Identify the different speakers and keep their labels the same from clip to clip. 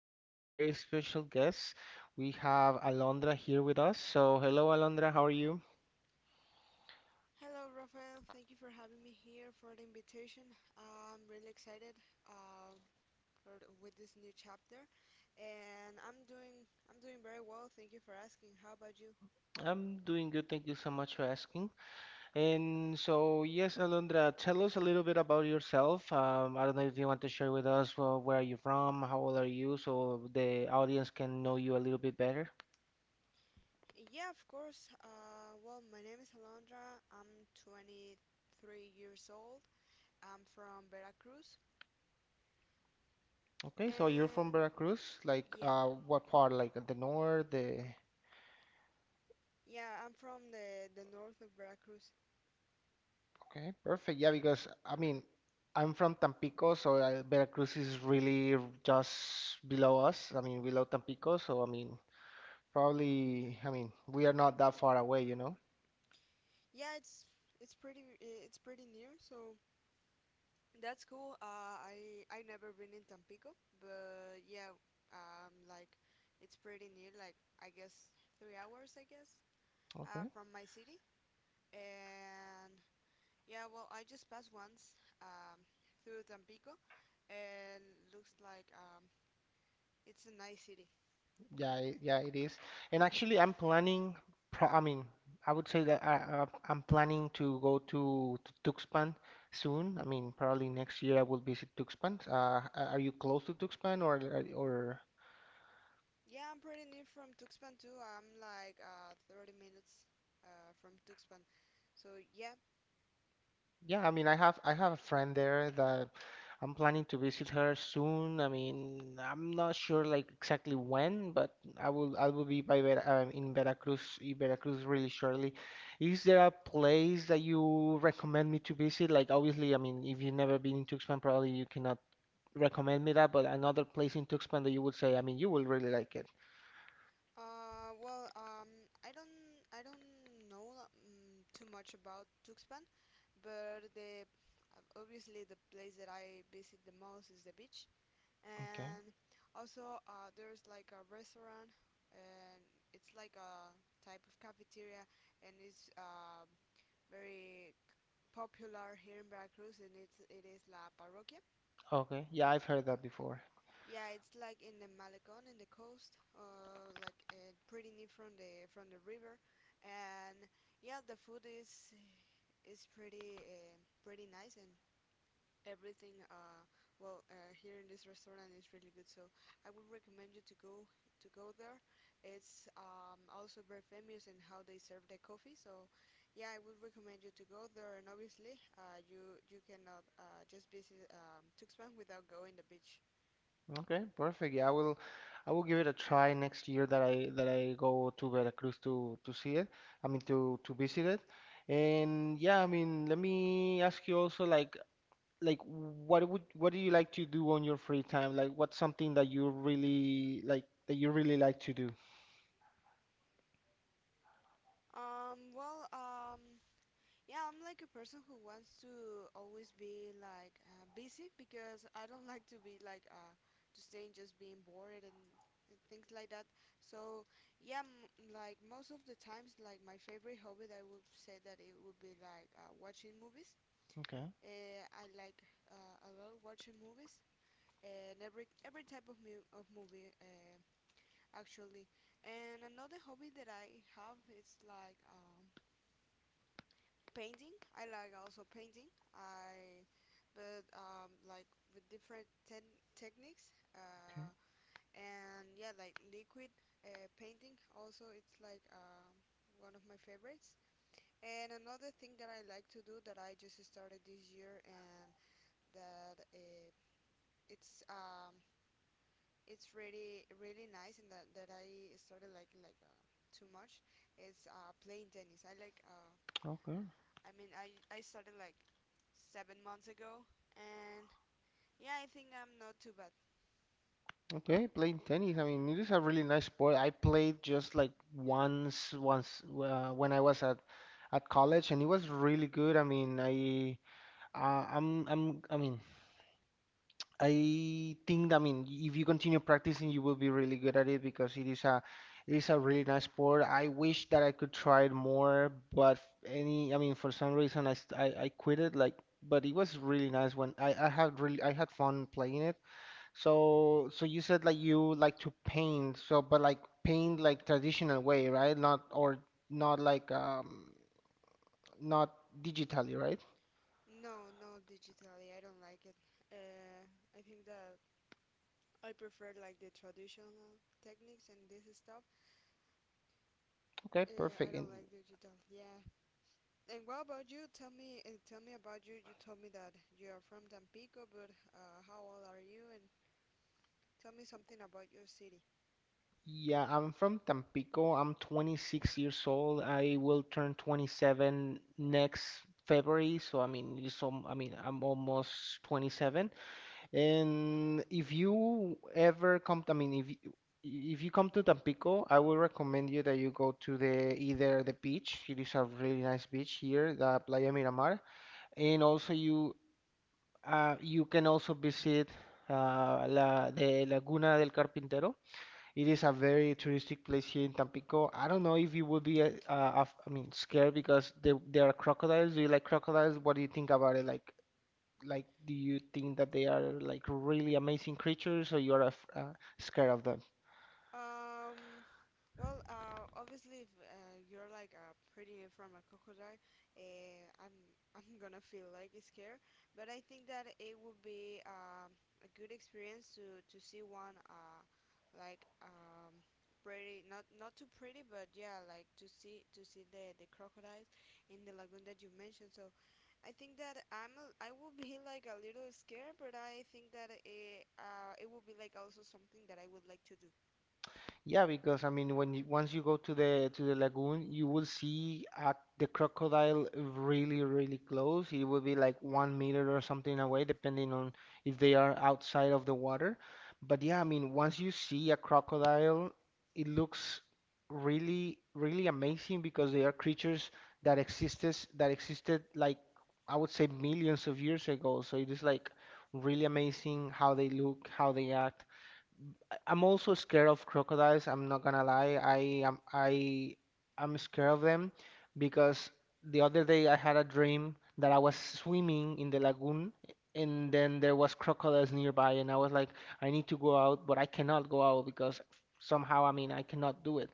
Speaker 1: we have a very special guest. We have Alondra here with us. So, hello, Alondra. How are you?
Speaker 2: Hello, Rafael. Thank you for having me here for the invitation. I'm really excited uh, for, with this new chapter, and I'm doing very well. Thank you for asking. How about you?
Speaker 1: I'm doing good. Thank you so much for asking. And so, yes, Alondra, tell us a little bit about yourself. I don't know if you want to share with us where are you from, how old are you, so the audience can know you a little bit better.
Speaker 2: Yeah, of course. Well, my name is Alondra. I'm 23 years old. I'm from Veracruz,
Speaker 1: Okay, so you're
Speaker 2: and
Speaker 1: from Veracruz. Like,
Speaker 2: yeah,
Speaker 1: what part? Like the north, the
Speaker 2: yeah, I'm from the north of Veracruz.
Speaker 1: Okay, perfect. Yeah, because I mean, I'm from Tampico, so Veracruz is really just below us. I mean, below Tampico, so I mean, probably, I mean, we are not that far away, you know?
Speaker 2: Yeah, it's pretty new, so that's cool. I never been in Tampico, but yeah, like it's pretty near. Like I guess 3 hours, I guess,
Speaker 1: Okay.
Speaker 2: from my city. And yeah, well, I just passed once through Tampico, and looks like it's a nice city.
Speaker 1: Yeah, yeah, it is. And actually, I'm planning, pro I mean, I would say that I'm planning to go to Tuxpan soon. I mean, probably next year I will visit Tuxpan. Are you close to Tuxpan or.
Speaker 2: Yeah, I'm pretty near from Tuxpan too. I'm like 30 minutes from Tuxpan. So yeah.
Speaker 1: Yeah, I mean, I have a friend there that I'm planning to visit her soon. I mean, I'm not sure like exactly when, but I will be in Veracruz really shortly. Is there a place that you recommend me to visit? Like obviously, I mean, if you've never been in Tuxpan, probably you cannot recommend me that, but another place in Tuxpan that you would say, I mean, you will really like it.
Speaker 2: Uh, well, um, I don't, I don't know too much about Tuxpan, but the obviously the place that I visit the most is the beach,
Speaker 1: Okay.
Speaker 2: and also there's like a restaurant, and it's like a type of cafeteria, and it's very popular here in Veracruz, and it is La Parroquia.
Speaker 1: Okay. Yeah, I've heard that before.
Speaker 2: Yeah, it's like in the Malecon in the coast, pretty near from the river, and yeah, the food is is pretty uh, pretty nice and everything. Here in this restaurant is really good, so I would recommend you to go there. It's also very famous in how they serve the coffee, so yeah, I would recommend you to go there. And obviously, you cannot just visit Tuxpan without going to the beach.
Speaker 1: Okay, perfect. Yeah, I will give it a try next year that I go to Veracruz to see it. I mean to visit it. And yeah, I mean, let me ask you also like what would what do you like to do on your free time? Like what's something that you really like to do?
Speaker 2: Um, well, um, yeah, I'm like a person who wants to always be like busy because I don't like to be like to stay and just being bored and things like that. So, yeah, m like most of the times, like my favorite hobby, I would say that it would be like watching movies.
Speaker 1: Okay.
Speaker 2: I like a lot watching movies and every type of mu of movie actually. And another hobby that I have is like painting. I like also painting. I but like with different ten techniques.
Speaker 1: Okay.
Speaker 2: And yeah, like liquid painting. Also, it's like one of my favorites. And another thing that I like to do that I just started this year and that it's um it's really really nice and that I started like too much is playing tennis. I like
Speaker 1: Okay.
Speaker 2: I mean I started like 7 months ago, and yeah, I think I'm not too bad.
Speaker 1: Okay, playing tennis. I mean, it is a really nice sport. I played just like once when I was at college and it was really good. I mean, I mean, I think, I mean, if you continue practicing, you will be really good at it because it is it is a really nice sport. I wish that I could try it more, but I mean, for some reason, I quit it. Like, but it was really nice when I had fun playing it. So you said like you like to paint, so but like paint like traditional way, right? Not or not like not digitally, right?
Speaker 2: No, no, digitally, I don't like it. Uh, I think that I prefer like the traditional techniques and this stuff.
Speaker 1: Okay,
Speaker 2: I
Speaker 1: perfect. And
Speaker 2: don't like digital. Yeah. And what about you? Tell me about you. You told me that you are from Tampico, but how old are you? And tell me something about your city.
Speaker 1: Yeah, I'm from Tampico. I'm 26 years old. I will turn 27 next February. So I mean, I mean, I'm almost 27. And if you ever come, I mean, if you come to Tampico, I will recommend you that you go to the either the beach. It is a really nice beach here, the Playa Miramar, and also you can also visit the Laguna del Carpintero. It is a very touristic place here in Tampico. I don't know if you would be, I mean, scared because there are crocodiles. Do you like crocodiles? What do you think about it? Like, do you think that they are like really amazing creatures, or you are af scared of them?
Speaker 2: Um, Obviously, if you're like pretty from a crocodile, I'm I'm gonna feel like scared. But I think that it would be a good experience to see one like um, pretty not not too pretty, but yeah, like to see the crocodiles in the lagoon that you mentioned. So I think that I will be like a little scared, but I think that it will be like also something that I would like to do.
Speaker 1: Yeah, because I mean, when once you go to the lagoon, you will see the crocodile really, really close. It will be like 1 meter or something away, depending on if they are outside of the water. But yeah, I mean, once you see a crocodile, it looks really, really amazing because they are creatures that existed like I would say millions of years ago. So it is like really amazing how they look, how they act. I'm also scared of crocodiles. I'm not gonna lie. I am I I'm scared of them because the other day I had a dream that I was swimming in the lagoon and then there was crocodiles nearby and I was like, I need to go out, but I cannot go out because somehow, I mean, I cannot do it.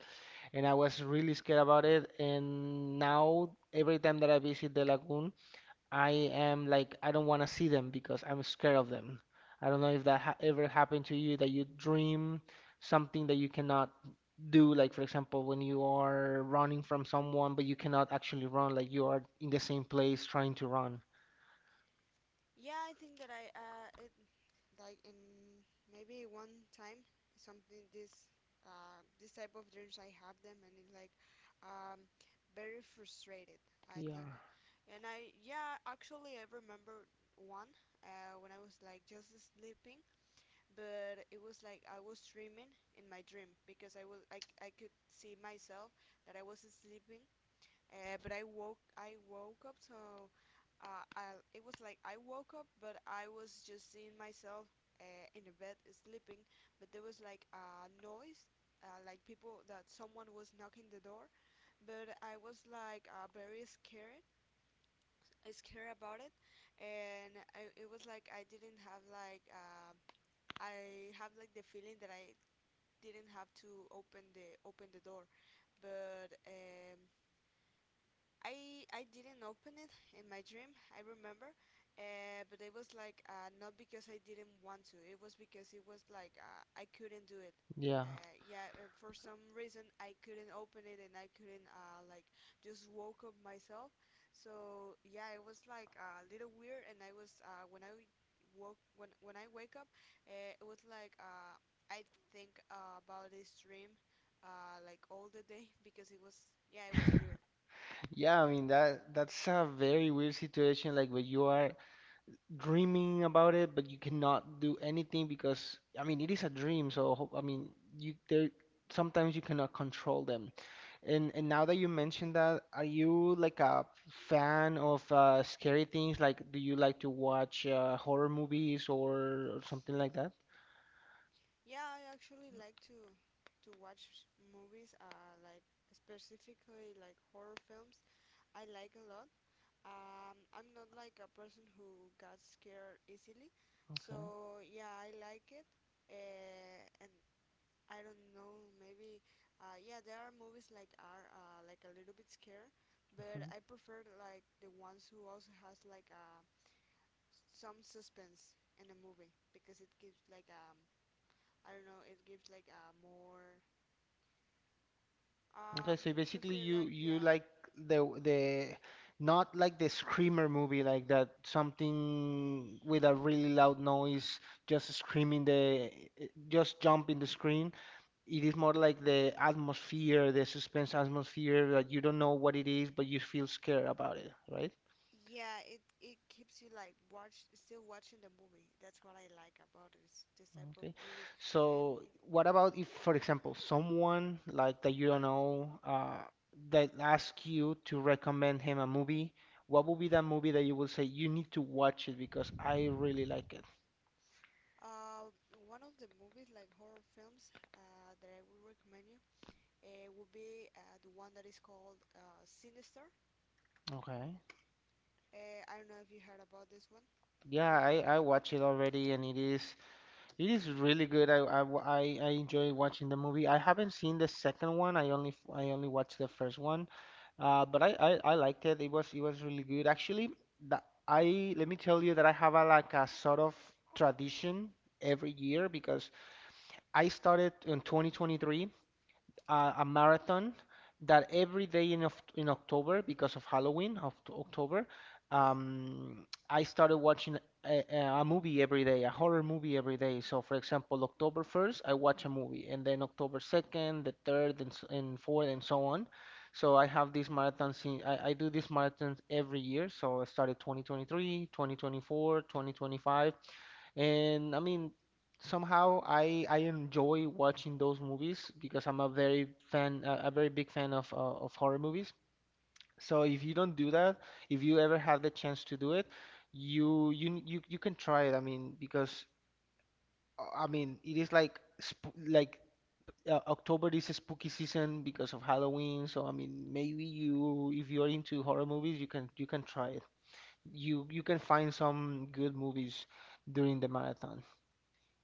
Speaker 1: And I was really scared about it. And now every time that I visit the lagoon, I am like I don't want to see them because I'm scared of them. I don't know if that ha ever happened to you that you dream something that you cannot do, like for example when you are running from someone but you cannot actually run, like you are in the same place trying to run.
Speaker 2: Yeah, I think that like in maybe one time something this type of dreams I have them, and it's like um very frustrated I think.
Speaker 1: Yeah,
Speaker 2: And I yeah actually I remember one when I was like just sleeping, but it was like I was dreaming in my dream because I could see myself that I was sleeping, but I woke up. So I it was like I woke up, but I was just seeing myself in the bed sleeping, but there was like a noise, like people that someone was knocking the door. But I was like very scared, scared about it. It was like I didn't have like I have like the feeling that I didn't have to open the door but I didn't open it in my dream, I remember, but it was like not because I didn't want to. It was because it was like I couldn't do it.
Speaker 1: yeah.
Speaker 2: Yeah, for some reason I couldn't open it, and I couldn't like just woke up myself. So yeah, it was like a little weird. And I was when I woke when I wake up, it was like I think about this dream like all the day because it was yeah it was weird.
Speaker 1: Yeah, I mean that's a very weird situation like when you are dreaming about it, but you cannot do anything because I mean it is a dream. So I mean you there sometimes you cannot control them. And now that you mentioned that, are you like a fan of scary things? Like, do you like to watch horror movies or something like that?
Speaker 2: Yeah, I actually like to watch movies, like specifically like horror films. I like a lot. I'm not like a person who got scared easily, so yeah, I like it. And I don't know, maybe, yeah, there are movies like are like a little bit scare,
Speaker 1: Okay.
Speaker 2: but I prefer like the ones who also has like some suspense in a movie because it gives like I don't know, it gives like a more.
Speaker 1: Okay,
Speaker 2: Um,
Speaker 1: so
Speaker 2: you
Speaker 1: basically
Speaker 2: feel like
Speaker 1: you
Speaker 2: yeah,
Speaker 1: like the not like the screamer movie like that something with a really loud noise just screaming the just jumping the screen. It is more like the atmosphere, the suspense atmosphere that you don't know what it is but you feel scared about it, right?
Speaker 2: yeah. It keeps you like watch still watching the movie. That's what I like about this type of
Speaker 1: Okay.
Speaker 2: movies. And
Speaker 1: So what about if, for example, someone like that you don't know that asks you to recommend him a movie? What would be that movie that you will say you need to watch it because I really like it?
Speaker 2: one of the movies like horror films that I would recommend you would be the one that is called Sinister.
Speaker 1: Okay.
Speaker 2: I don't know if you heard about this one
Speaker 1: Yeah,
Speaker 2: before.
Speaker 1: I watch it already and it is really good. I, wa- I enjoy watching the movie. I haven't seen the second one. I only watched the first one. But I liked it. It was really good. Actually, that I let me tell you that I have a like a sort of tradition every year because I started in 2023 a marathon that every day in October, because of Halloween October,
Speaker 2: Yeah.
Speaker 1: I started watching a movie every day, a horror movie every day. So, for example, October 1st, I watch a movie, and then October 2nd, the 3rd, and 4th, and so on. So I have these marathons in, I Do these marathons every year. So I started 2023, 2024, 2025, and I mean, somehow I enjoy watching those movies because I'm a very big fan of of horror movies. So if you don't do that, if you ever have the chance to do it, you can try it. I mean, because I mean, it is like sp like October is a spooky season because of Halloween. So I mean, maybe you if you're into horror movies, you can try it. You can find some good movies during the marathon.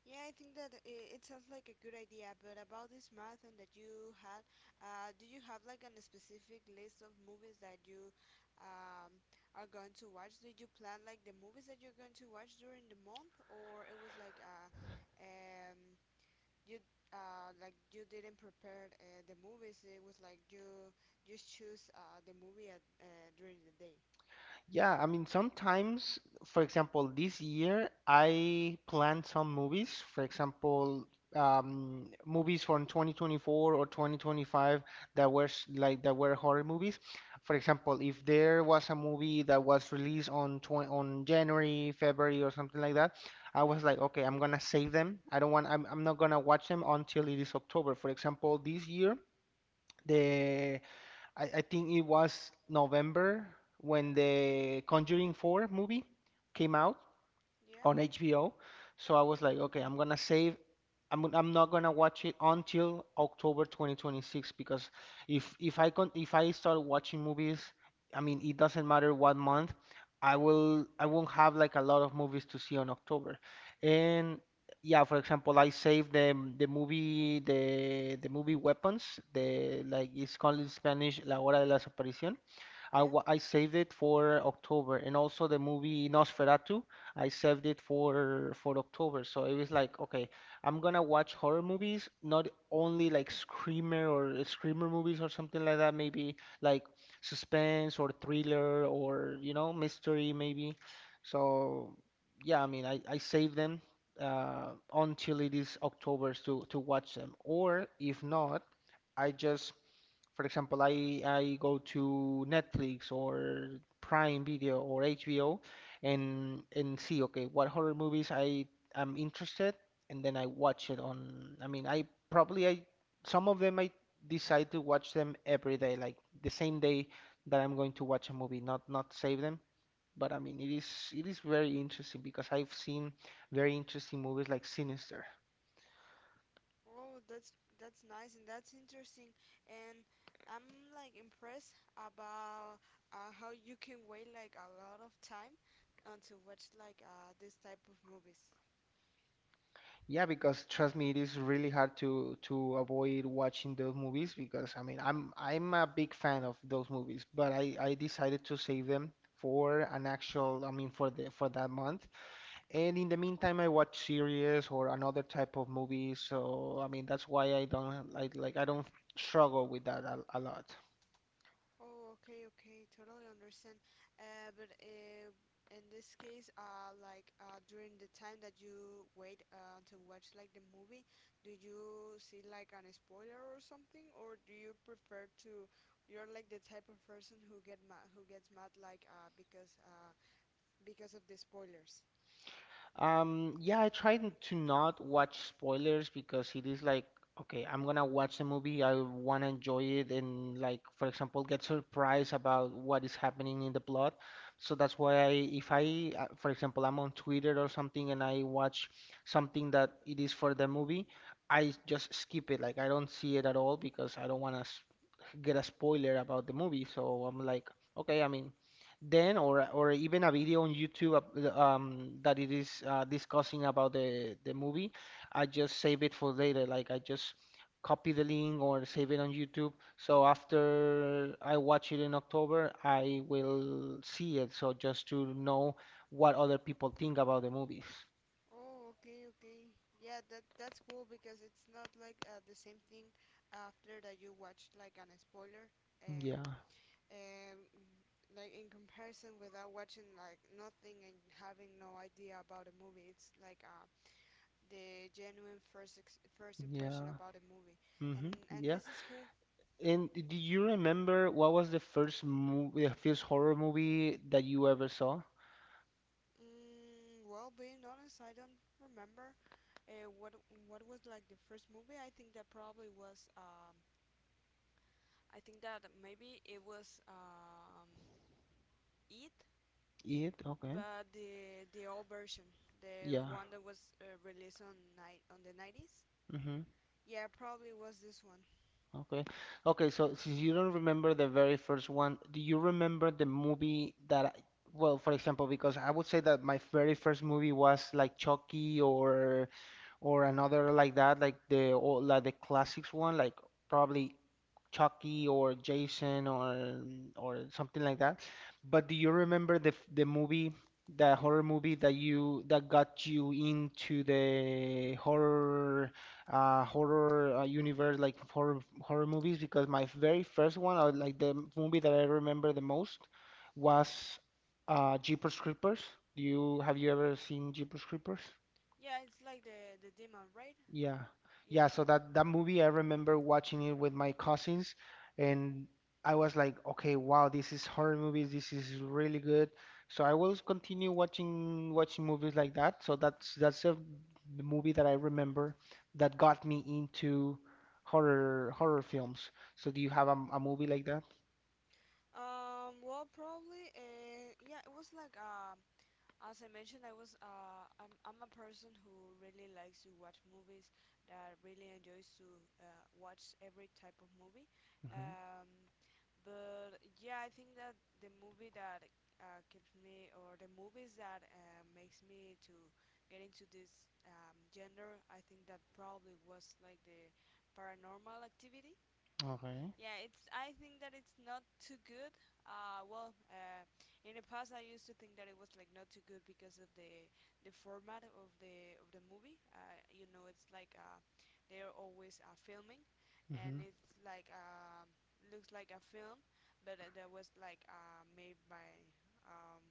Speaker 2: Yeah, I think that it sounds like a good idea, but about this marathon that you had, do you have like a specific list of movies that you um, are going to watch? Did you plan like the movies that you're going to watch during the month, or it was like um, you like you didn't prepare the movies? It was like you just choose the movie during the day.
Speaker 1: Yeah, I mean, sometimes, for example, this year I planned some movies. For example, movies from 2024 or 2025 that were horror movies. For example, if there was a movie that was released on January, February, or something like that, I was like, okay, I'm gonna save them. I don't want. I'm not gonna watch them until it is October. For example, this year. The I think it was November when the Conjuring 4 movie came out
Speaker 2: Yeah,
Speaker 1: on HBO. So I was like, okay, I'm gonna save. I'm not gonna watch it until October 2026 because if I con if I start watching movies, I mean it doesn't matter what month, I won't have like a lot of movies to see on October. And yeah, for example, I saved the movie the movie Weapons, the like it's called in Spanish La Hora de la Desaparición.
Speaker 2: yeah.
Speaker 1: I saved it for October, and also the movie Nosferatu, I saved it for October. So it was like, okay, I'm gonna watch horror movies, not only like screamer or screamer movies or something like that, maybe like suspense or thriller or mystery maybe. So yeah, I mean, I save them until it is October to watch them, or if not, I just for example, I go to Netflix or Prime Video or HBO and see okay what horror movies I am interested and then I watch it on. I mean, I probably I some of them I decide to watch them every day, like the same day that I'm going to watch a movie, not save them. But I mean, it is very interesting because I've seen very interesting movies like Sinister.
Speaker 2: Oh, that's nice and that's interesting, and I'm like impressed about how you can wait like a lot of time to watch like this type of movies.
Speaker 1: Yeah, because trust me, it is really hard to avoid watching those movies because I mean I'm a big fan of those movies, but I decided to save them for an actual I mean for the for that month. And in the meantime, I watch series or another type of movies. So I mean that's why I don't like I don't struggle with that a lot.
Speaker 2: Oh, okay, okay, totally understand. But In this case, during the time that you wait to watch like the movie, do you see like an spoiler or something, or do you prefer to? You're like the type of person who gets mad like because of the spoilers.
Speaker 1: Yeah, I try to not watch spoilers because it is like, okay, I'm gonna watch the movie, I wanna enjoy it, and like, for example, get surprised about what is happening in the plot. So that's why I, if I, for example, I'm on Twitter or something and I watch something that it is for the movie, I just skip it. Like, I don't see it at all because I don't wanna get a spoiler about the movie. So I'm like, okay, I mean, then or even a video on YouTube that it is discussing about the movie, I just save it for later. Like I just copy the link or save it on YouTube. So after I watch it in October, I will see it. So just to know what other people think about the movies.
Speaker 2: Oh, okay, okay. Yeah, that that's cool because it's not like the same thing after that you watched like an spoiler.
Speaker 1: Yeah,
Speaker 2: um, like in comparison without watching like nothing and having no idea about a movie, it's like the genuine first impression
Speaker 1: yeah.
Speaker 2: about a movie,
Speaker 1: Mm-hmm.
Speaker 2: and
Speaker 1: Yeah.
Speaker 2: this is cool.
Speaker 1: And do you remember what was the first movie, the first horror movie that you ever saw?
Speaker 2: Well, being honest, I don't remember uh, what what was like the first movie. I think that probably was I think that maybe it was it
Speaker 1: It? Okay.
Speaker 2: but the old version, the
Speaker 1: Yeah.
Speaker 2: one that was released on night on the 90s.
Speaker 1: Mm-hmm.
Speaker 2: Yeah, probably was this one.
Speaker 1: Okay. Okay, so since you don't remember the very first one, do you remember the movie that for example, because I would say that my very first movie was like Chucky or another like that, like the or like the classics one, like probably Chucky or Jason or something like that. But do you remember the the movie, the horror movie that you that got you into the horror horror universe, like horror horror movies? Because my very first one, or like the movie that I remember the most, was Jeepers Creepers. Do you have you ever seen Jeepers Creepers?
Speaker 2: Yeah, it's like the demon, right?
Speaker 1: Yeah.
Speaker 2: Yeah.
Speaker 1: Yeah, so that that movie I remember watching it with my cousins and I was like, okay, wow, this is horror movies. This is really good. So I will continue watching movies like that. So the movie that I remember that got me into horror horror films. So do you have a movie like that?
Speaker 2: Yeah, it was like as I mentioned, I was I'm a person who really likes to watch movies, that really enjoys to watch every type of movie.
Speaker 1: Hmm.
Speaker 2: Um, but yeah, I think that the movie that keeps me, or the movies that makes me to get into this gender, I think that probably was like the Paranormal Activity.
Speaker 1: Okay.
Speaker 2: Yeah, it's. I think that it's not too good. Uh, well, uh, in the past, I used to think that it was like not too good because of the format of the of the movie. You know, it's like they're always filming, and
Speaker 1: Hmm.
Speaker 2: it's like looks like a film, but that was like made um,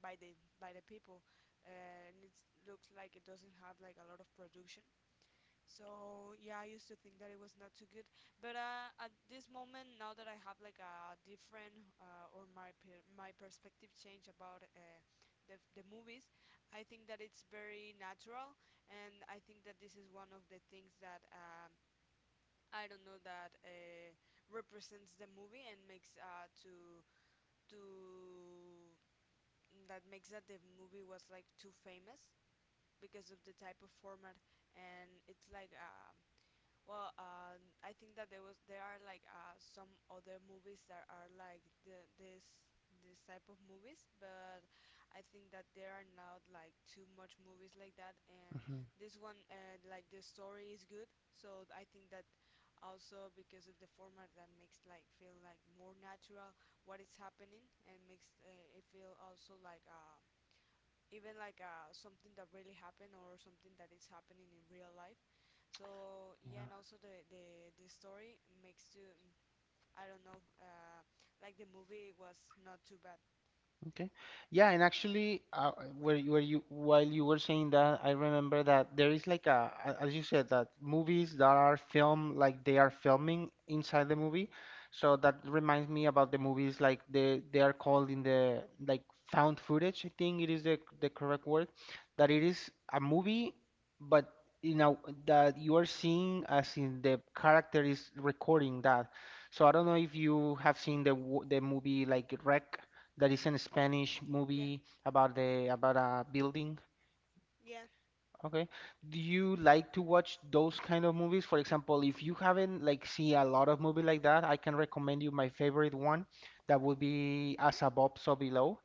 Speaker 2: by the people, uh, and it looks like it doesn't have like a lot of production. So yeah, I used to think that it was not too good, but at this moment, now that I have like a different or my perspective change about the movies, I think that it's very natural, and I think that this is one of the things that I don't know that represents the movie and makes to that makes that the movie was like too famous because of the type of format, and it's like well, I think that there are like some other movies that are like the, this type of movies, but I think that there are not like too much movies like that. And
Speaker 1: Hmm.
Speaker 2: this one, like the story is good, so I think that also because of the format that makes like feel like more natural what is happening and makes it feel also like even like something that really happened or something that is happening in real life, so yeah, and also the story makes to, I don't know, like the movie was not too bad.
Speaker 1: Okay. Yeah, and actually, where you while you were saying that, I remember that there is like as you said, that movies that are filmed like they are filming inside the movie. So that reminds me about the movies like they are called in the like found footage. I think it is the correct word. That it is a movie, but you know that you are seeing as in the character is recording that. So I don't know if you have seen the the movie like Rec. That is in a Spanish
Speaker 2: Yeah,
Speaker 1: movie about the about a building.
Speaker 2: yeah,
Speaker 1: Okay. Do you like to watch those kind of movies? For example, if you haven't like see a lot of movie like that, I can recommend you my favorite one. That would be As Above, So Below.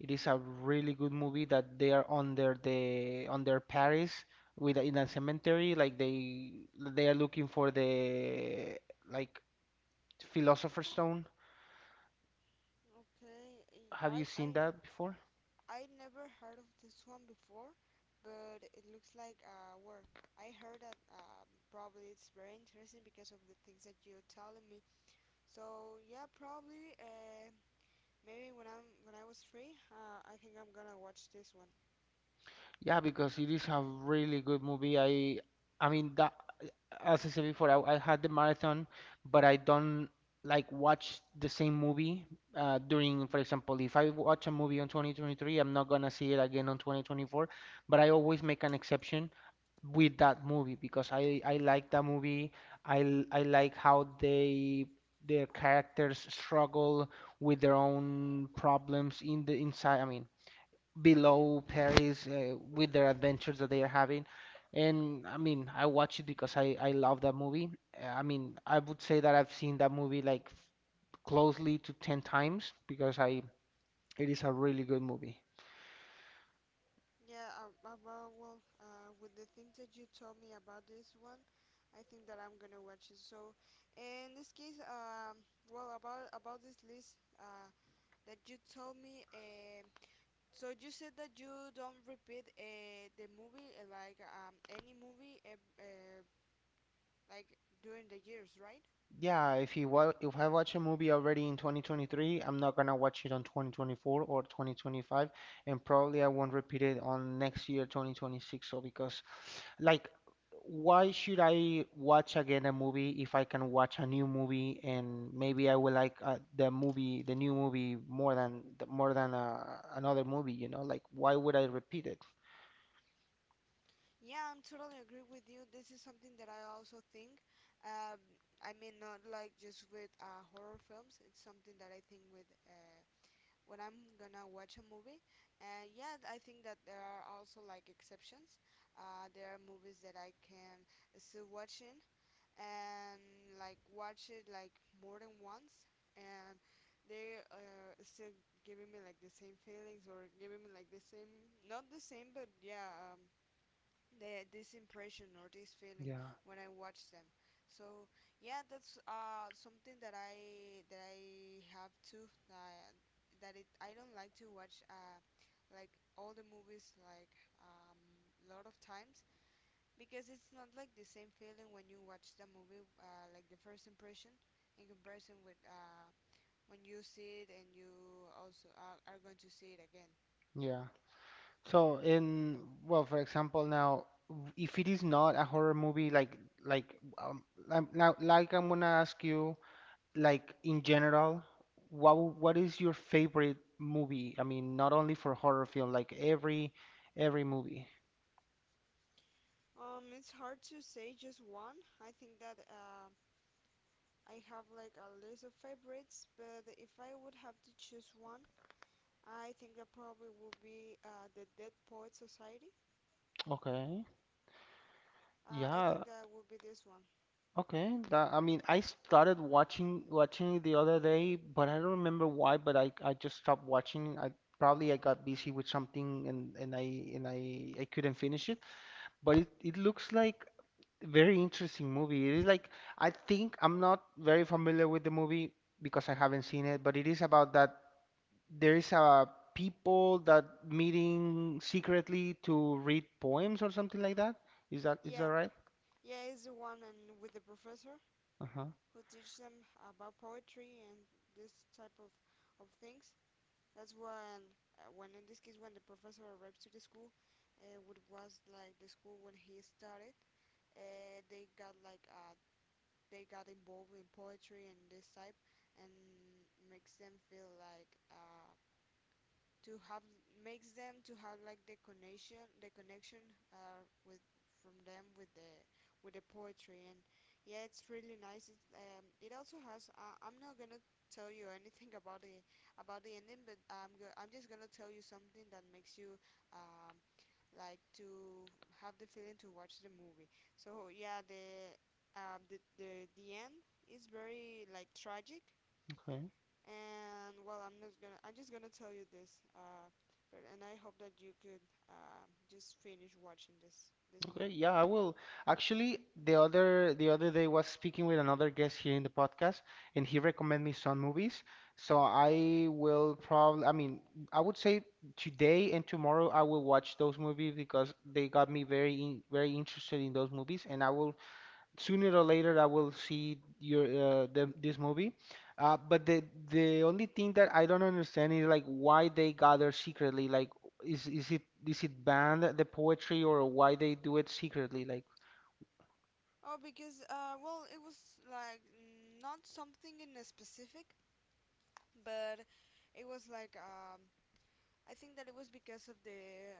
Speaker 1: It is a really good movie that they are under the under Paris with in a cemetery. Like they are looking for the like Philosopher's Stone.
Speaker 2: okay.
Speaker 1: Have you
Speaker 2: I I
Speaker 1: seen that before?
Speaker 2: I never heard of this one before, but it looks like well, I heard that probably it's very interesting because of the things that you're telling me. So yeah, probably maybe when I was free, I think I'm gonna watch this one.
Speaker 1: Yeah, because it is a really good movie. I mean that, as I said before, I had the marathon, but I don't like watch the same movie during, for example, if I watch a movie on 2023, I'm not gonna see it again on 2024. But I always make an exception with that movie because I like that movie. I like how they their characters struggle with their own problems in the inside. I mean, below Paris with their adventures that they are having. And I mean, I watch it because I love that movie. I mean, I would say that I've seen that movie like closely to 10 times because I it is a really good movie.
Speaker 2: Yeah, about, well, with the things that you told me about this one, I think that I'm gonna watch it. So, in this case, well, about this list, that you told me, so you said that you don't repeat the movie, like any movie, like during the years, right?
Speaker 1: Yeah, if you wa if I watch a movie already in 2023, I'm not gonna watch it on 2024 or 2025, and probably I won't repeat it on next year 2026. So because like, why should I watch again a movie if I can watch a new movie and maybe I will like the movie, the new movie more than another movie, you know? Like, why would I repeat it?
Speaker 2: Yeah, I'm totally agree with you. This is something that I also think. Um, I mean, not like just with horror films. It's something that I think with. When I'm gonna watch a movie. And yeah, I think that there are also like exceptions. There are movies that I can still watching and like watch it like more than once, and they still giving me like the same feelings or giving me like the same, not the same, but yeah, the this impression or this feeling
Speaker 1: Yeah.
Speaker 2: when I watch them. So yeah, that's something that I have too. That it I don't like to watch like all the movies like lot of times, because it's not like the same feeling when you watch the movie like the first impression in comparison with when you see it and you also are going to see it again.
Speaker 1: Yeah. So in well, for example, now if it is not a horror movie, like um, now like I'm gonna ask you like in general, what what is your favorite movie? I mean, not only for horror film, like every movie.
Speaker 2: It's hard to say just one. I think that I have like a list of favorites, but if I would have to choose one, I think that probably would be the Dead Poet Society.
Speaker 1: Okay.
Speaker 2: I
Speaker 1: Yeah.
Speaker 2: think that would be this one.
Speaker 1: Okay. That, I mean, I started watching it the other day, but I don't remember why. But I just stopped watching. I probably I got busy with something and I couldn't finish it. But it looks like a very interesting movie. It is like I think I'm not very familiar with the movie because I haven't seen it, but it is about that there is a people that meeting secretly to read poems or something like that. Is that
Speaker 2: Yeah,
Speaker 1: right?
Speaker 2: yeah, it's the one, and with the professor
Speaker 1: Uh-huh.
Speaker 2: who teaches them about poetry and this type of things. That's when in this case, when the professor arrives to the school, what was like the school when he started, they got like a they got involved in poetry and this type, and makes them feel like to have makes them to have like the connection with from them with the poetry, and yeah, it's really nice it also has I'm not gonna tell you anything about the ending, but I'm just gonna tell you something that makes you, um, like, to have the feeling to watch the movie. So yeah, the end is very like tragic, and well, I'm not gonna I'm just gonna tell you this, but and I hope that you could just finish watching this
Speaker 1: Okay,
Speaker 2: movie.
Speaker 1: yeah, I will. Actually, the other day was speaking with another guest here in the podcast, and he recommended me some movies. So I will probably, I mean, I would say today and tomorrow I will watch those movies because they got me very interested in those movies, and I will sooner or later I will see your this movie. But the only thing that I don't understand is like why they gather secretly. Is it banned the poetry or why they do it secretly?
Speaker 2: Oh, because well, it was like not something in a specific, but it was like I think that it was because of the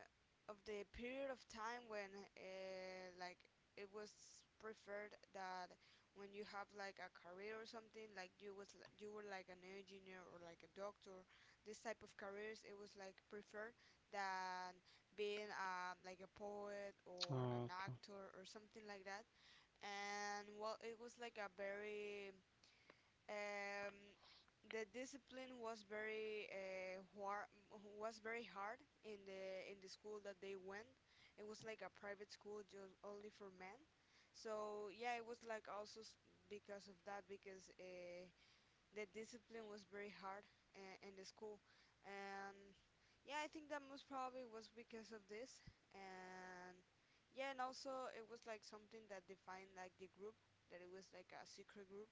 Speaker 2: of the period of time when, like, it was preferred that when you have like a career or something, like you were like an engineer or like a doctor, this type of careers it was like preferred than being, like, a poet or an
Speaker 1: Like,
Speaker 2: actor or something like that, and well it was like a very um, the discipline was very was very hard in the school that they went. It was like a private school just only for men. So yeah, it was like also because of that, because the discipline was very hard in the school, and yeah, I think that most probably was because of this, and yeah, and also it was like something that defined like the group, that it was like a secret group.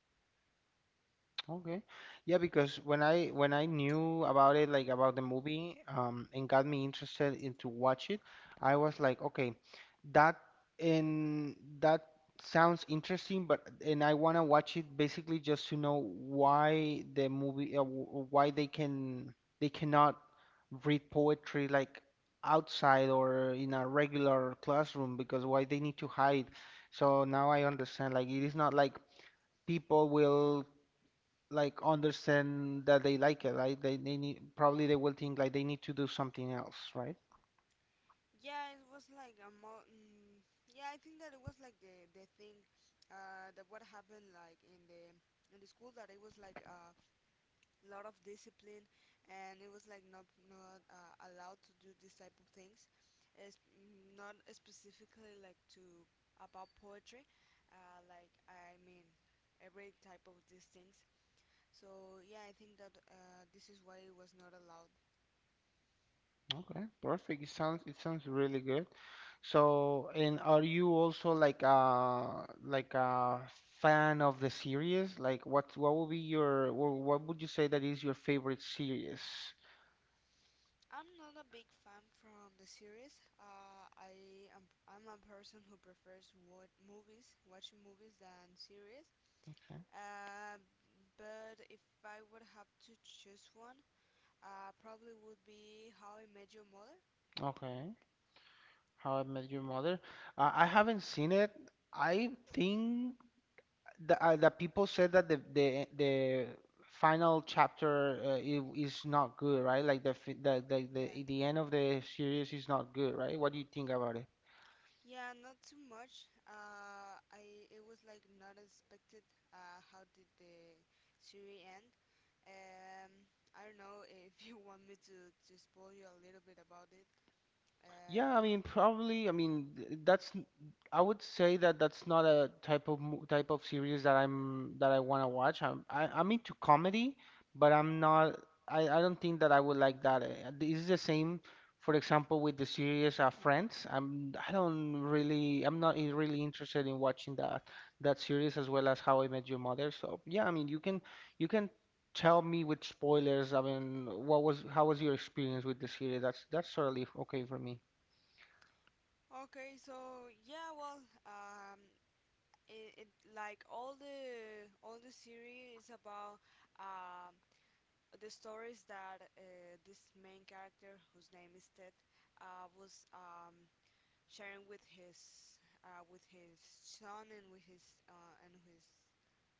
Speaker 1: okay. Yeah, because when I knew about it, like about the movie, and got me interested into watch it, I was like, okay, that and that sounds interesting, but and I wanna watch it basically just to know why the movie, why they can they cannot read poetry like outside or in a regular classroom because why they need to hide. So now I understand, like it is not like people will like understand that they like it, right? They need probably they will think like they need to do something else, right?
Speaker 2: Yeah, it was like yeah, I think that it was like the thing that what happened like in the school, that it was like a lot of discipline, and it was like not allowed to do this type of things. It's, not specifically like to about poetry, like, I mean, every type of these things. So yeah, I think that this is why it was not allowed.
Speaker 1: Okay, perfect. It sounds really good. So, and are you also like a fan of the series? Like, what would be your what would you say that is your favorite series?
Speaker 2: I'm not a big fan from the series. I'm a person who prefers what movies, watching movies than series.
Speaker 1: Okay.
Speaker 2: Uh, but if I would have to choose one, probably would be How I Met Your Mother.
Speaker 1: Okay. How I Met Your Mother. I haven't seen it. I think the people said that the final chapter is not good, right? Like the
Speaker 2: Yeah,
Speaker 1: the end of the series is not good, right? What do you think about it?
Speaker 2: yeah, not too much. I it was like not expected. How did the series end? I don't know if you want me to spoil you a little bit about it. Uh,
Speaker 1: Yeah, I mean, probably. I mean, I would say that that's not a type of type of series that I want to watch. I'm into comedy, but I'm not. I don't think that I would like that. This is the same, for example, with the series Friends. I don't really. I'm not really interested in watching that series as well as How I Met Your Mother. So yeah, I mean, you can tell me with spoilers. I mean, what was how was your experience with the series? That's totally okay for me.
Speaker 2: Okay, so yeah, well, it like all the series is about um the stories that this main character, whose name is Ted, was sharing with his, with his son, and with his and his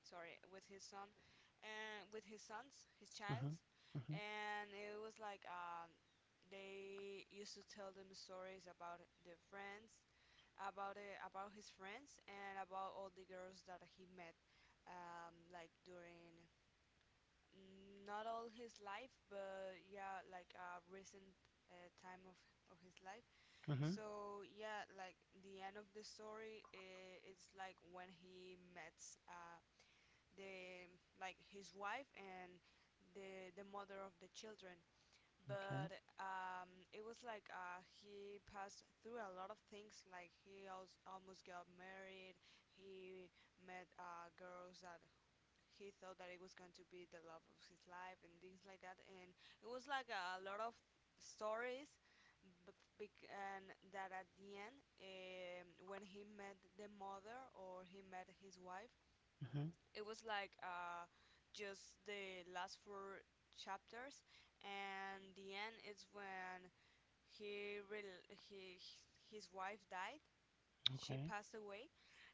Speaker 2: sorry with his son, and with his sons, his
Speaker 1: Mm-hmm.
Speaker 2: childs,
Speaker 1: Mm-hmm.
Speaker 2: and it was like they used to tell them stories about their friends, about it, about his friends, and about all the girls that he met, like during, not all his life, but yeah, like a recent time of his life.
Speaker 1: Mm-hmm.
Speaker 2: So yeah, like the end of the story, I it's like when he met, uh, the like, his wife and the mother of the children, but
Speaker 1: Okay.
Speaker 2: it was like, he passed through a lot of things. Like he almost got married. He met girls that he thought that it was going to be the love of his life and things like that. And it was like a lot of stories. And that at the end, when he met the mother or he met his wife,
Speaker 1: Mm-hmm.
Speaker 2: it was like just the last four chapters, and the end is when he rel he his wife died. She
Speaker 1: Okay.
Speaker 2: passed away,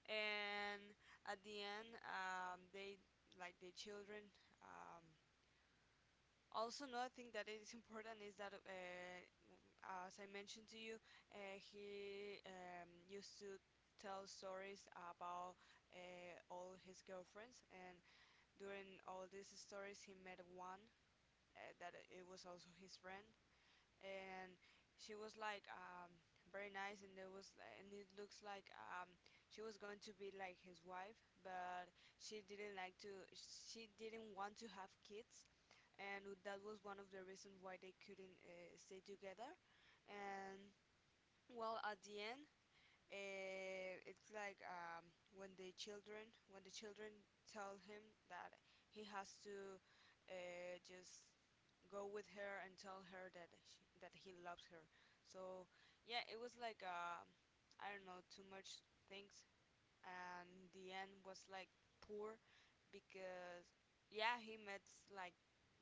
Speaker 2: and at the end, they, like the children. Um, also, another thing that is important is that, as I mentioned to you, he used to tell stories about all his girlfriends, and during all these stories he met one that it was also his friend, and she was like very nice, and there was and it looks like she was going to be like his wife, but she didn't like to she didn't want to have kids, and that was one of the reasons why they couldn't stay together. And well, at the end, it's like, when the children tell him that he has to just go with her and tell her that that he loves her. So yeah, it was like I don't know too much things, and the end was like poor, because yeah, he met, like,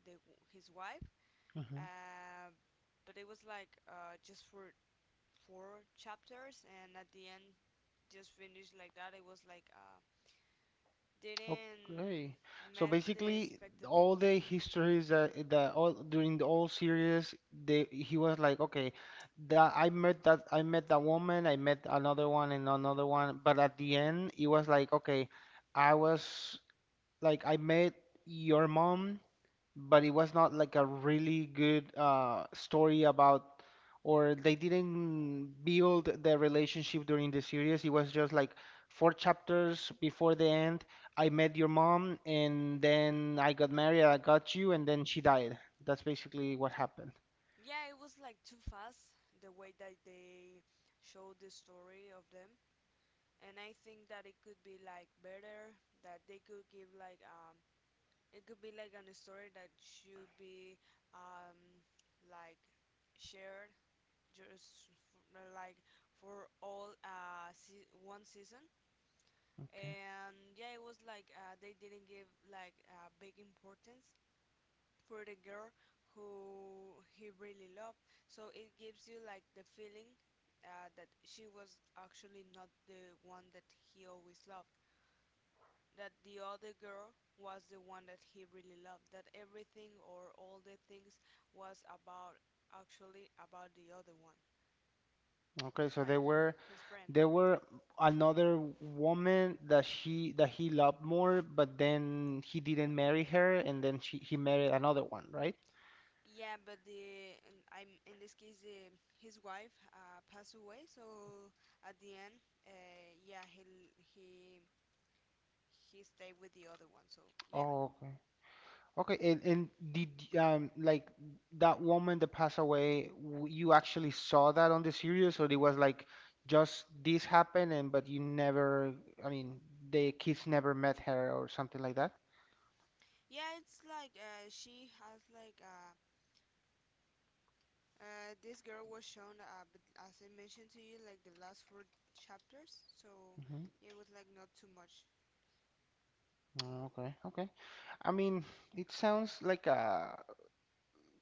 Speaker 2: the his wife,
Speaker 1: Mm-hmm.
Speaker 2: uh, but it was like just for four chapters, and at the end just finished like that. It was like, didn't
Speaker 1: Okay. So
Speaker 2: met the
Speaker 1: basically, all
Speaker 2: expectatives.
Speaker 1: the histories that that all during the whole series, they he was like, okay, that I met that I met that woman, I met another one and another one, but at the end, it was like, okay, I was like I met your mom, but it was not like a really good story about, or they didn't build the relationship during the series. It was just like 4 chapters before the end. I met your mom, and then I got married, I got you, and then she died. That's basically what happened.
Speaker 2: Yeah, it was like too fast the way that they showed the story of them, and I think that it could be like better, that they could give like it could be like a story that should be um like shared just for, like, for one season,
Speaker 1: Okay.
Speaker 2: and yeah it was like they didn't give like big importance for the girl who he really loved, so it gives you like the feeling, that she was actually not the one that he always loved, that the other girl was the one that he really loved, that everything or all the things was about, actually, about the other one,
Speaker 1: Okay, so
Speaker 2: like
Speaker 1: there were
Speaker 2: his friend.
Speaker 1: there were another woman that she that he loved more, but then he didn't marry her, and then she he married another one, right?
Speaker 2: Yeah, but the and I'm, in this case, his wife passed away, so at the end, yeah, he l- he stayed with the other one. So yeah,
Speaker 1: Oh, okay. And, and did y- um like that woman that passed away, you actually saw that on the series, or it was like just this happened and but you never, I mean, the kids never met her or something like that?
Speaker 2: yeah, it's like she has like this girl was shown, but as I mentioned to you, like the last four chapters, so
Speaker 1: hmm
Speaker 2: yeah, it was like not too much.
Speaker 1: Okay, okay. I mean, it sounds like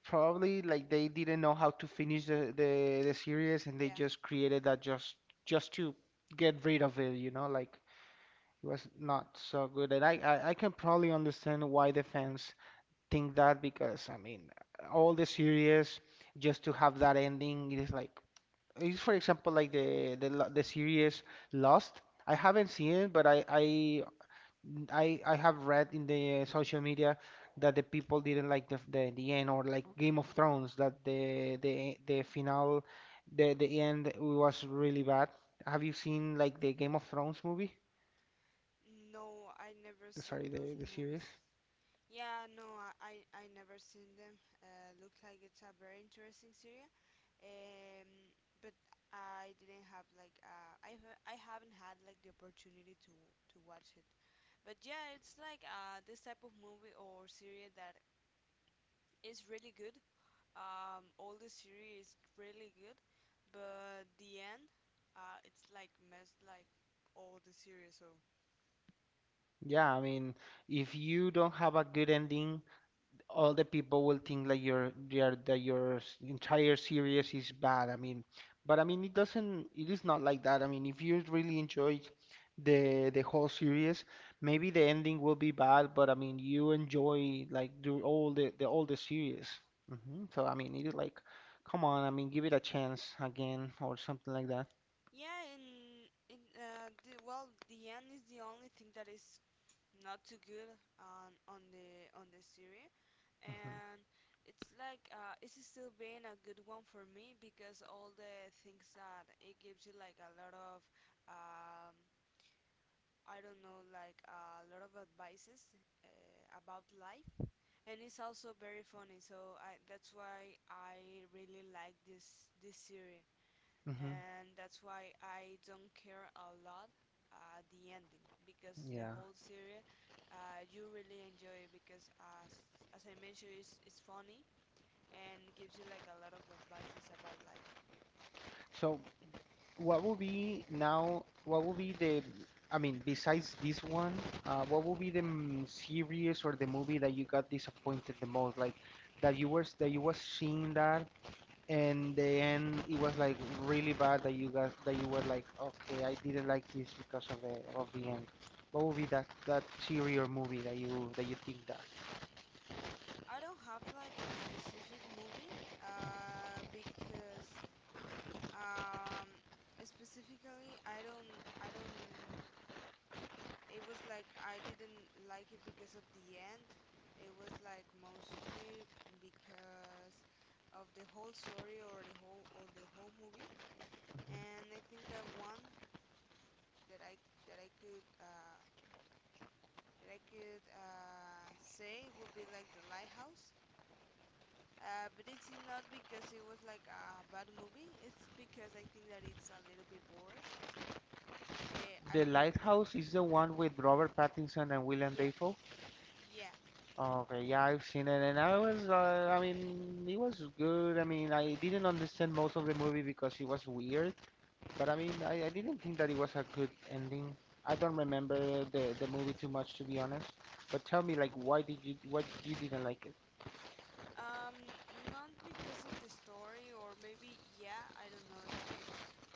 Speaker 1: probably like they didn't know how to finish the series, and they
Speaker 2: Yeah,
Speaker 1: just created that just to get rid of it, like it was not so good. And I can probably understand why the fans think that. Because all the series just to have that ending, it is like, it's for example like the series Lost. I haven't seen it, but I have read in the social media that the people didn't like the end. Or like Game of Thrones, that the final, the end was really bad. Have you seen like the Game of Thrones movie?
Speaker 2: no, I never seen
Speaker 1: Sorry,
Speaker 2: those
Speaker 1: the series.
Speaker 2: movies. Yeah, no, I never seen them. Look like it's a very interesting series. Um, but I didn't have like I haven't had like the opportunity to watch it. But yeah, it's like this type of movie or series that is really good. All the series is really good, but the end, it's like messed like all the series. So
Speaker 1: Yeah, if you don't have a good ending, all the people will think like your entire series is bad. But it doesn't. It is not like that. I mean, if you really enjoyed the whole series, maybe the ending will be bad, but I mean you enjoy like do all the all the series. So I mean it is like, come on. I mean, give it a chance again or something like that.
Speaker 2: yeah, in the, well, the end is the only thing that is not too good on the on the series,
Speaker 1: hmm
Speaker 2: and it's like it's still being a good one for me because all the things that it gives you like a lot of um, I don't know like a lot of advices about life, and it's also very funny. That's why I really like this series
Speaker 1: hmm
Speaker 2: and that's why I don't care a lot the ending because the
Speaker 1: Yeah.
Speaker 2: whole series you really enjoy it because as I mentioned it's funny and gives you like a lot of advices about life.
Speaker 1: So, what will be now, what will be the, I mean, besides this one, what will be the series or the movie that you got disappointed the most? Like that you was seeing that and then it was like really bad, that you got that you were like, okay, I didn't like this because of the end. What will be that that series or movie that you think that?
Speaker 2: I don't have like an specific movie because um, specifically I don't it was like I didn't like it because of the end. It was like mostly because of the whole story or the whole movie.
Speaker 1: Mhm.
Speaker 2: And I think that one that I that I could say would be like the lighthouse. But it's not because it was like a bad movie. It's because I think that it's a little bit bored. I
Speaker 1: The
Speaker 2: don't know if you.
Speaker 1: Lighthouse is the one with Robert Pattinson and Willem
Speaker 2: Yeah,
Speaker 1: Dafoe?
Speaker 2: yeah.
Speaker 1: Okay, yeah, I've seen it, and I was, I mean, it was good. I mean, I didn't understand most of the movie because it was weird, but I mean, I didn't think that it was a good ending. I don't remember the movie too much, to be honest. But tell me, like, why you didn't like it?
Speaker 2: Um, Not because of the story, or maybe yeah, I don't know if it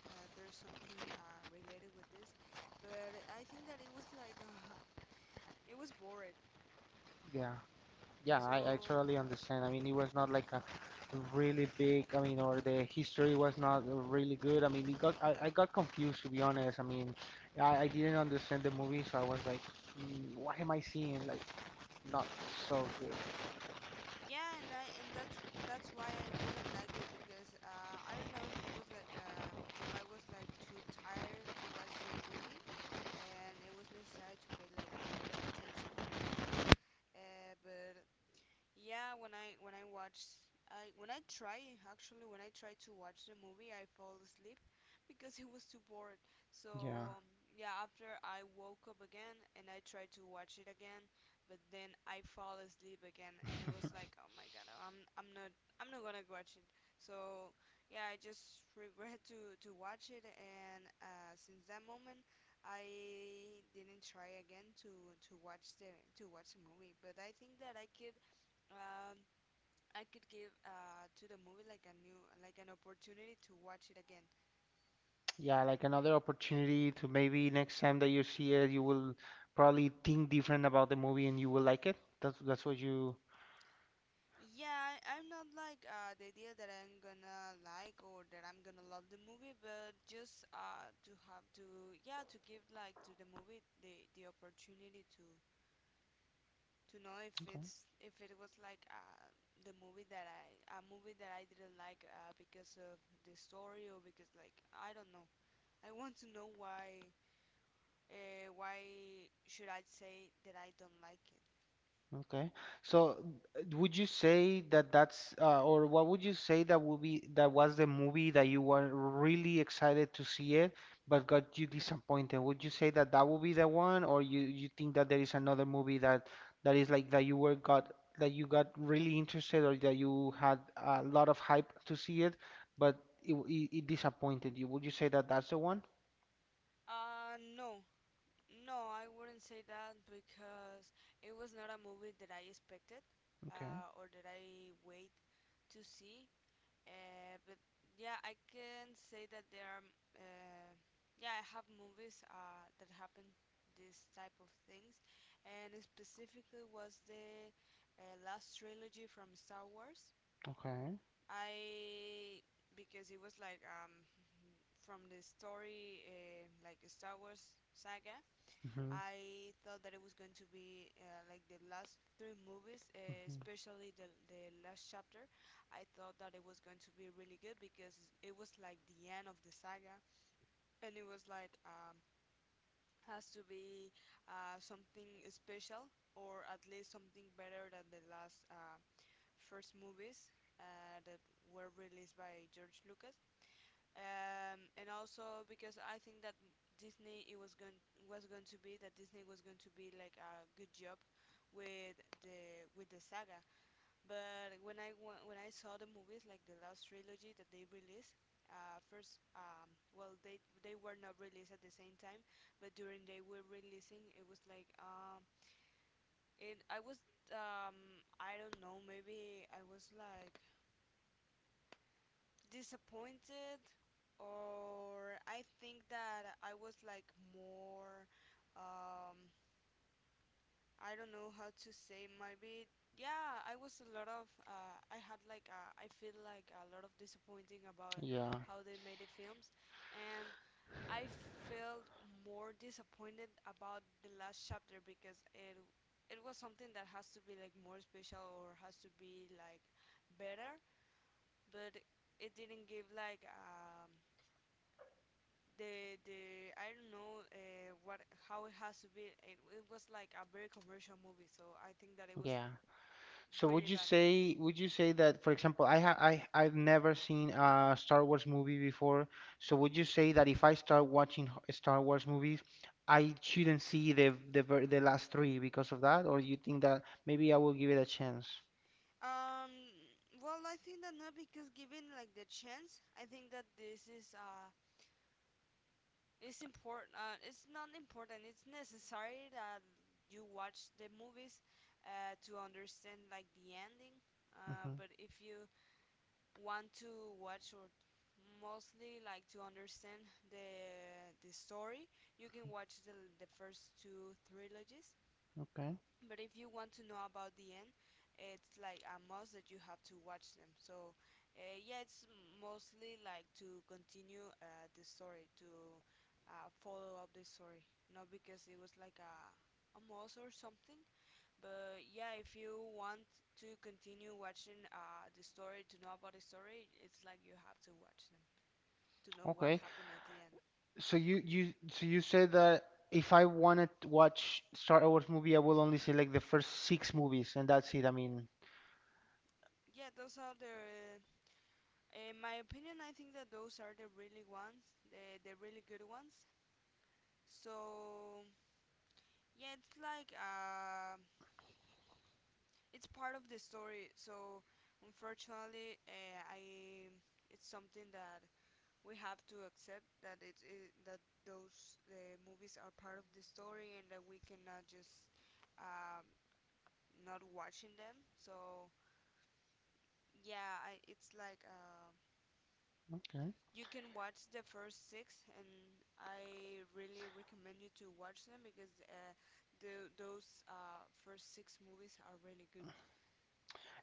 Speaker 2: there's something related with this, but I think that it was like it was boring.
Speaker 1: Yeah, yeah, I
Speaker 2: So
Speaker 1: totally understand. I mean, it was not like a really big, I mean, or the history was not really good. I mean, it got I got confused, to be honest. I mean, I didn't understand the movie, so I was like, "Mm, what am I seeing? Like, not so good."
Speaker 2: yeah, and that's why I didn't like it because I don't know if it was like if I was like too tired to watch the movie, and it was necessary to pay like a lot of attention on this one. But Yeah, when I watch I when I try actually when I try to watch the movie I fall asleep because it was too bored. So
Speaker 1: Yeah.
Speaker 2: um, yeah, after I woke up again and I tried to watch it again, but then I fall asleep again and it was like, "Oh my God, I'm not gonna watch it." So yeah, I just regret to watch it and since that moment I didn't try again to watch the movie, but I think that um, I could give to the movie like a new like an opportunity to watch it again.
Speaker 1: Yeah, like another opportunity. To maybe next time that you see it, you will probably think different about the movie and you will like it. That's what you.
Speaker 2: Yeah, I'm not like the idea that I'm gonna like or that I'm gonna love the movie, but just to yeah to give like to the movie the opportunity to know if
Speaker 1: Okay.
Speaker 2: it's if it was like the movie that I a movie that I didn't like because of the story or because like I don't know. I want to know why. Why should I say that I don't like it?
Speaker 1: Okay. So, would you say that that's or what would you say that would be, that was the movie that you were really excited to see it, but got you disappointed? Would you say that that would be the one, or you think that there is another movie that that is like, that you got really interested, or that you had a lot of hype to see it, but it disappointed you? Would you say that that's the one?
Speaker 2: Uh, no. No, I wouldn't say that because it was not a movie that I expected
Speaker 1: Okay.
Speaker 2: or that I wait to see. But yeah, I can say that there are, uh, yeah, I have movies that happen this type of things, and specifically was the last trilogy from Star Wars.
Speaker 1: Okay.
Speaker 2: I Because it was like from the story like a Star Wars saga.
Speaker 1: hmm
Speaker 2: I thought that it was going to be like the last three movies,
Speaker 1: hmm
Speaker 2: especially the last chapter. I thought that it was going to be really good because it was like the end of the saga, and it was like has to be something special or at least something better than the last first movies that were released by George Lucas, and also because I think that Disney it was going to be that Disney was going to be like a good job with the saga. But when I saw the movies like the last trilogy that they released, first well they were not released at the same time, but during they were releasing it was like it I was I don't know maybe I was like disappointed or I think that I was like more, um I don't know how to say maybe, yeah I was a lot of I had like I feel like a lot of disappointing about
Speaker 1: Yeah.
Speaker 2: how they made the films and I felt more disappointed about the last chapter because it was something that has to be like more special or has to be like better, but it didn't give like the I don't know what how it has to be. It was like a very commercial movie, so I think that it was
Speaker 1: Yeah. So would
Speaker 2: really
Speaker 1: you
Speaker 2: bad.
Speaker 1: say, would you say that, for example, I ha I I've never seen a Star Wars movie before. So would you say that if I start watching Star Wars movies, I shouldn't see the last three because of that, or you think that maybe I will give it a chance?
Speaker 2: Um, well, I think that not because given like the chance, I think that this is it's important. It's not important. It's necessary that you watch the movies to understand like the ending.
Speaker 1: hmm
Speaker 2: But if you want to watch or mostly like to understand the story, you can watch the first two trilogies.
Speaker 1: Okay.
Speaker 2: But if you want to know about the end, it's like a must that you have to watch them. So yeah, it's mostly like to continue the story to follow up the story, not because it was like a must or something, but yeah, if you want to continue watching the story, to know about the story, it's like you have to watch them to know what
Speaker 1: Okay.
Speaker 2: happened at the end.
Speaker 1: So you said that if I wanted to watch Star Wars movie, I will only select the first six movies, and that's it. I mean.
Speaker 2: Yeah, those are the, in my opinion, I think that those are the really ones, the really good ones. So yeah, it's like it's part of the story. So unfortunately, I it's something that we have to accept that that those movies are part of the story and that we cannot just um, not watching them. So yeah, it's like
Speaker 1: Okay.
Speaker 2: you can watch the first six, and I really recommend you to watch them because the those first six movies are really good.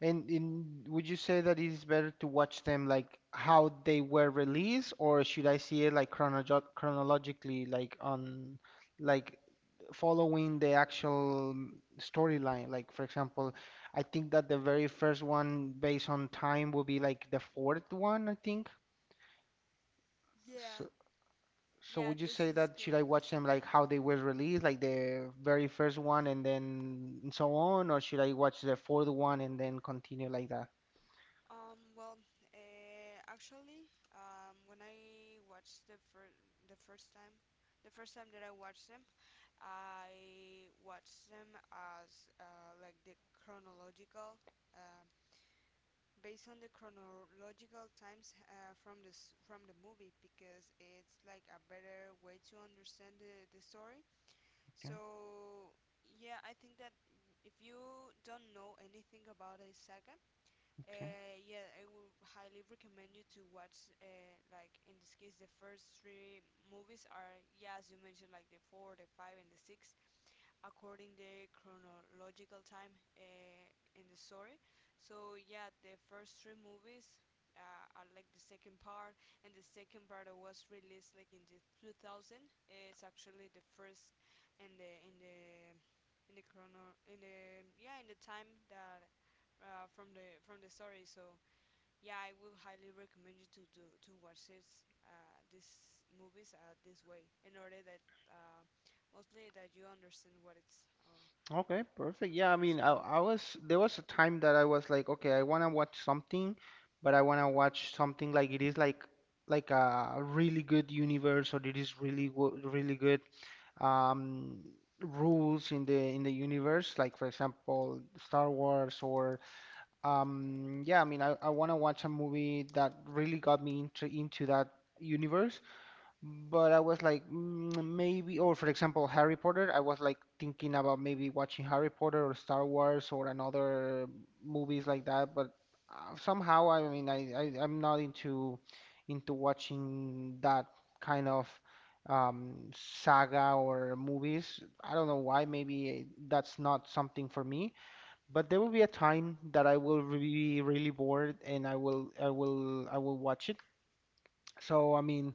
Speaker 1: And in, would you say that it is better to watch them like how they were released, or should I see it like chronologically, like on, like following the actual storyline? Like for example, I think that the very first one based on time will be like the fourth one, I think.
Speaker 2: Yeah,
Speaker 1: So, so
Speaker 2: yeah,
Speaker 1: would you
Speaker 2: this
Speaker 1: say
Speaker 2: is
Speaker 1: that should I
Speaker 2: correct.
Speaker 1: watch them like how they were released, like the very first one and then so on, or should I watch the fourth one and then continue like that?
Speaker 2: Um, well, actually, when I watched the fir- the first time, that I watched them as like the chronological, um based on the chronological times from this from the movie because it's like a better way to understand the story.
Speaker 1: Okay,
Speaker 2: So yeah, I think that if you don't know anything about a saga,
Speaker 1: okay.
Speaker 2: yeah, I would highly recommend you to watch, like in this case, the first three movies are, yeah, as you mentioned, like the four, the five, and the six, according the chronological time in the story. So yeah, the first three movies are like the second part, and the second part was released like in the 2000. It's actually the first, and the in the in the yeah in the time that from the story. So yeah, I would highly recommend you to do to watch this these movies this way in order that uh, mostly that you understand what it's
Speaker 1: Okay, perfect. Yeah,
Speaker 2: how
Speaker 1: I
Speaker 2: it's
Speaker 1: mean,
Speaker 2: going.
Speaker 1: I was, there was a time that I was like, okay, I want to watch something, but I want to watch something like it is like a really good universe, or it is really really good um rules in the universe, like for example, Star Wars or yeah, I mean, I want to watch a movie that really got me into that universe. But I was like, mm, maybe, or for example, Harry Potter. I was like thinking about maybe watching Harry Potter or Star Wars or another movies like that. But somehow, I mean, I I'm not into into watching that kind of saga or movies. I don't know why. Maybe that's not something for me. But there will be a time that I will be really bored and I will watch it. So I mean,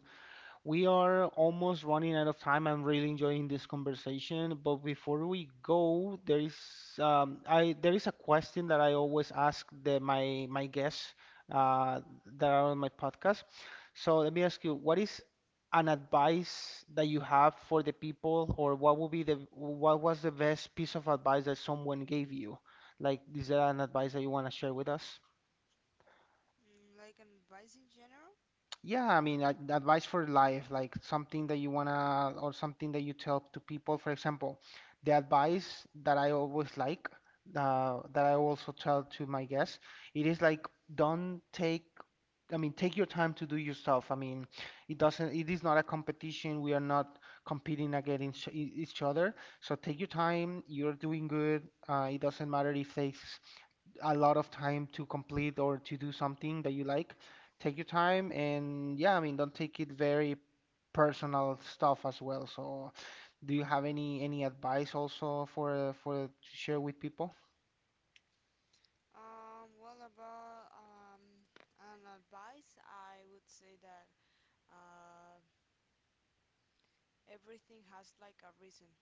Speaker 1: we are almost running out of time. I'm really enjoying this conversation, but before we go, there is I there is a question that I always ask the my my guests uh, that are on my podcast. So let me ask you, what is an advice that you have for the people, or what would be the, what was the best piece of advice that someone gave you? Like, is there an advice that you want to share with us?
Speaker 2: Mm, like an advice in general.
Speaker 1: Yeah, I mean, advice for life, like something that you wanna, or something that you tell to people. For example, the advice that I always like, that I also tell to my guests, it is like, don't take, I mean, take your time to do your stuff. I mean, it doesn't, it is not a competition. We are not competing against each other. So take your time. You're doing good. It doesn't matter if takes a lot of time to complete or to do something that you like. Take your time and yeah, I mean, don't take it very personal stuff as well. So, do you have any advice also for to share with people?
Speaker 2: Well about an advice, I would say that uh, everything has like a reason.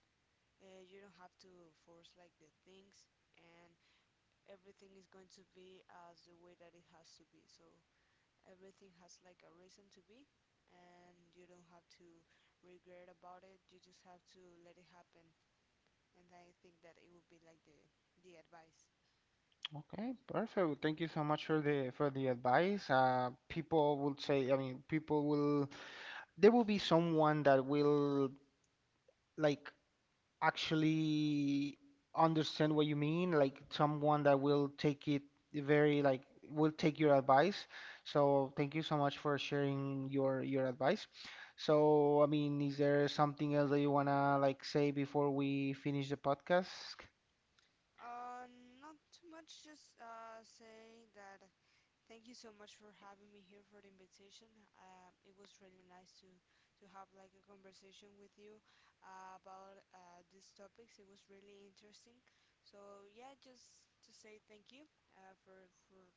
Speaker 2: You don't have to force like the things, and everything is going to be as the way that it has to be. So everything has like a reason to be, and you don't have to regret about it. You just have to let it happen, and I think that it would be like the advice.
Speaker 1: Okay, perfect. Well, thank you so much for the advice. People will say, I mean, people will, there will be someone that will like actually understand what you mean, like someone that will take it very like, will take your advice. So thank you so much for sharing your advice. So I mean, is there something else that you wanna like say before we finish the podcast?
Speaker 2: uh Not too much, just say that thank you so much for having me here, for the invitation. It was really nice to have like a conversation with you about these topics. It was really interesting. So yeah, just to say thank you uh, for for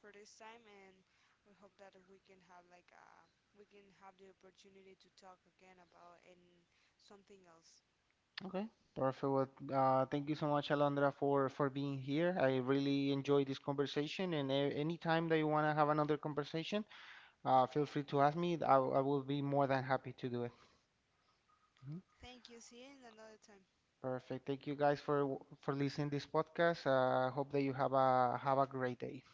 Speaker 2: for this time, and we hope that we can have like we can have the opportunity to talk again about and something else.
Speaker 1: Okay, perfect. Well, thank you so much, Alondra, for being here. I really enjoyed this conversation, and any time that you wanna have another conversation, feel free to ask me. I will be more than happy to do it.
Speaker 2: Thank you. See you in another time.
Speaker 1: Perfect. Thank you guys for listening this podcast. Hope that you have a great day.